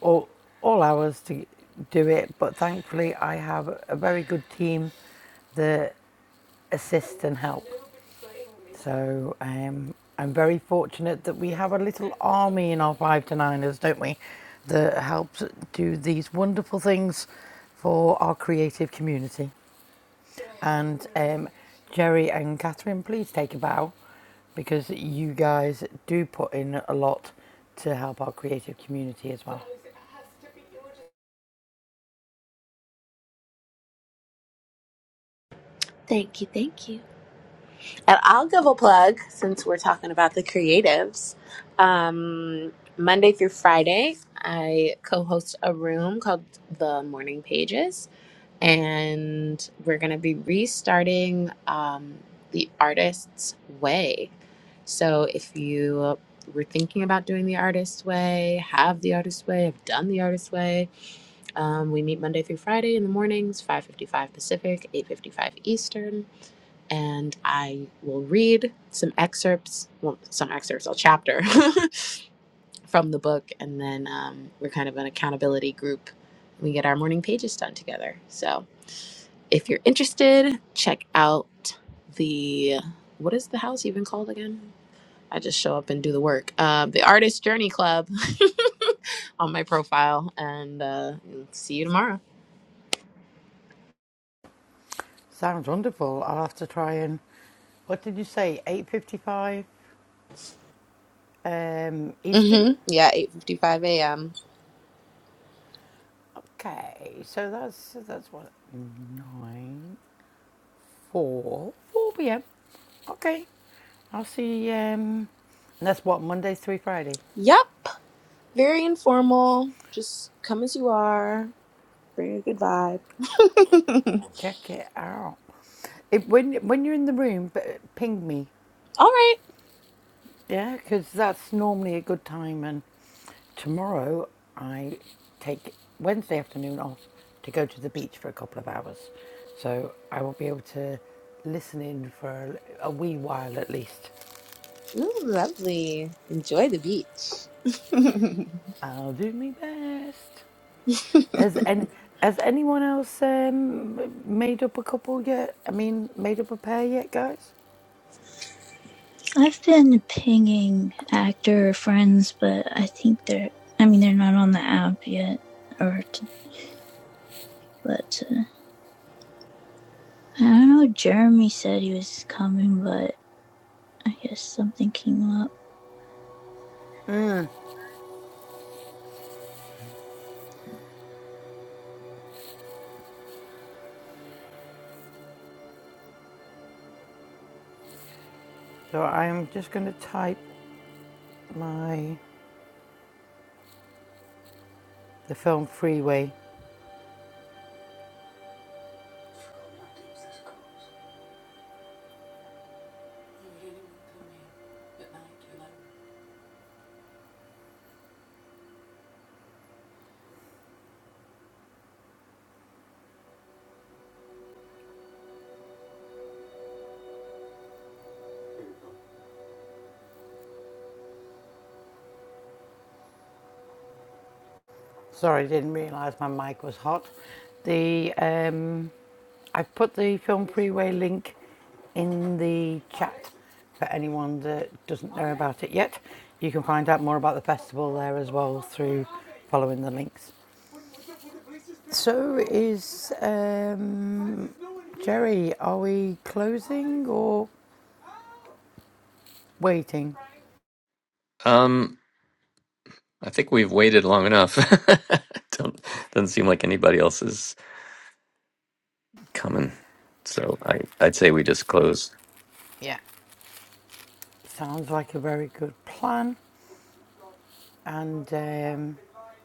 all all hours to do it, but thankfully I have a very good team that assist and help. So um, I'm very fortunate that we have a little army in our five to niners, don't we? That helps do these wonderful things for our creative community. And um, Jerry and Catherine, please take a bow because you guys do put in a lot to help our creative community as well. Thank you, thank you. And I'll give a plug since we're talking about the creatives. Um, Monday through Friday, I co host a room called The Morning Pages. And we're going to be restarting um, The Artist's Way. So if you were thinking about doing The Artist's Way, have The Artist's Way, have done The Artist's Way, um, we meet Monday through Friday in the mornings, 5.55 Pacific, 8.55 Eastern and I will read some excerpts, well, some excerpts, a chapter from the book, and then um, we're kind of an accountability group. We get our morning pages done together. So if you're interested, check out the what is the house even called again? I just show up and do the work. Um, the Artist Journey Club on my profile, and uh, see you tomorrow. Sounds wonderful. I'll have to try and what did you say? 8:55 um, Eastern. Mm-hmm. Yeah, eight fifty-five a.m. Okay, so that's that's what nine four four p.m. Okay, I'll see. Um, and that's what Mondays through Friday. Yep. Very informal. Just come as you are. Bring a good vibe. Check it out. If when when you're in the room, but ping me. All right. Yeah, because that's normally a good time. And tomorrow I take Wednesday afternoon off to go to the beach for a couple of hours, so I will be able to listen in for a, a wee while at least. Ooh, lovely. Enjoy the beach. I'll do my best. Has any has anyone else um, made up a couple yet? I mean, made up a pair yet, guys? I've been pinging actor friends, but I think they're, I mean, they're not on the app yet. Or, t- but uh, I don't know. Jeremy said he was coming, but I guess something came up. So I'm just going to type my the film Freeway. Sorry, I didn't realise my mic was hot. The um, I've put the film Freeway link in the chat for anyone that doesn't know about it yet. You can find out more about the festival there as well through following the links. So is um, Jerry. Are we closing or waiting? Um I think we've waited long enough. don't doesn't seem like anybody else is. coming. So I, I'd say we just close. Yeah. Sounds like a very good plan. And um,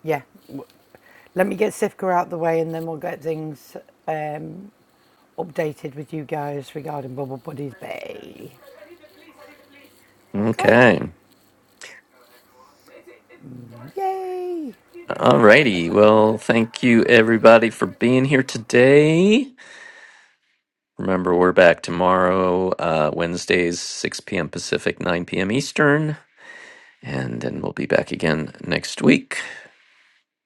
yeah, let me get Sifka out the way, and then we'll get things um, updated with you guys regarding Bubble Buddies Bay. Okay. Okay. Yay! Alrighty. Well, thank you everybody for being here today. Remember, we're back tomorrow, uh, Wednesdays, 6 p.m. Pacific, 9 p.m. Eastern. And then we'll be back again next week,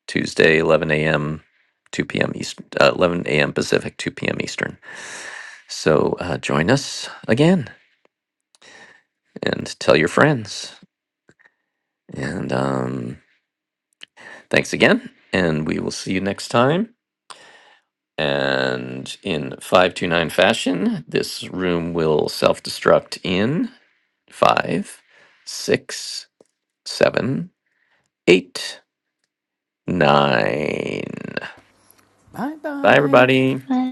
Tuesday, 11 a.m., 2 p.m. East, uh, 11 a.m. Pacific, 2 p.m. Eastern. So uh, join us again and tell your friends. And um, thanks again. And we will see you next time. And in 529 fashion, this room will self destruct in five, six, seven, eight, nine. Bye Bye, bye. everybody. But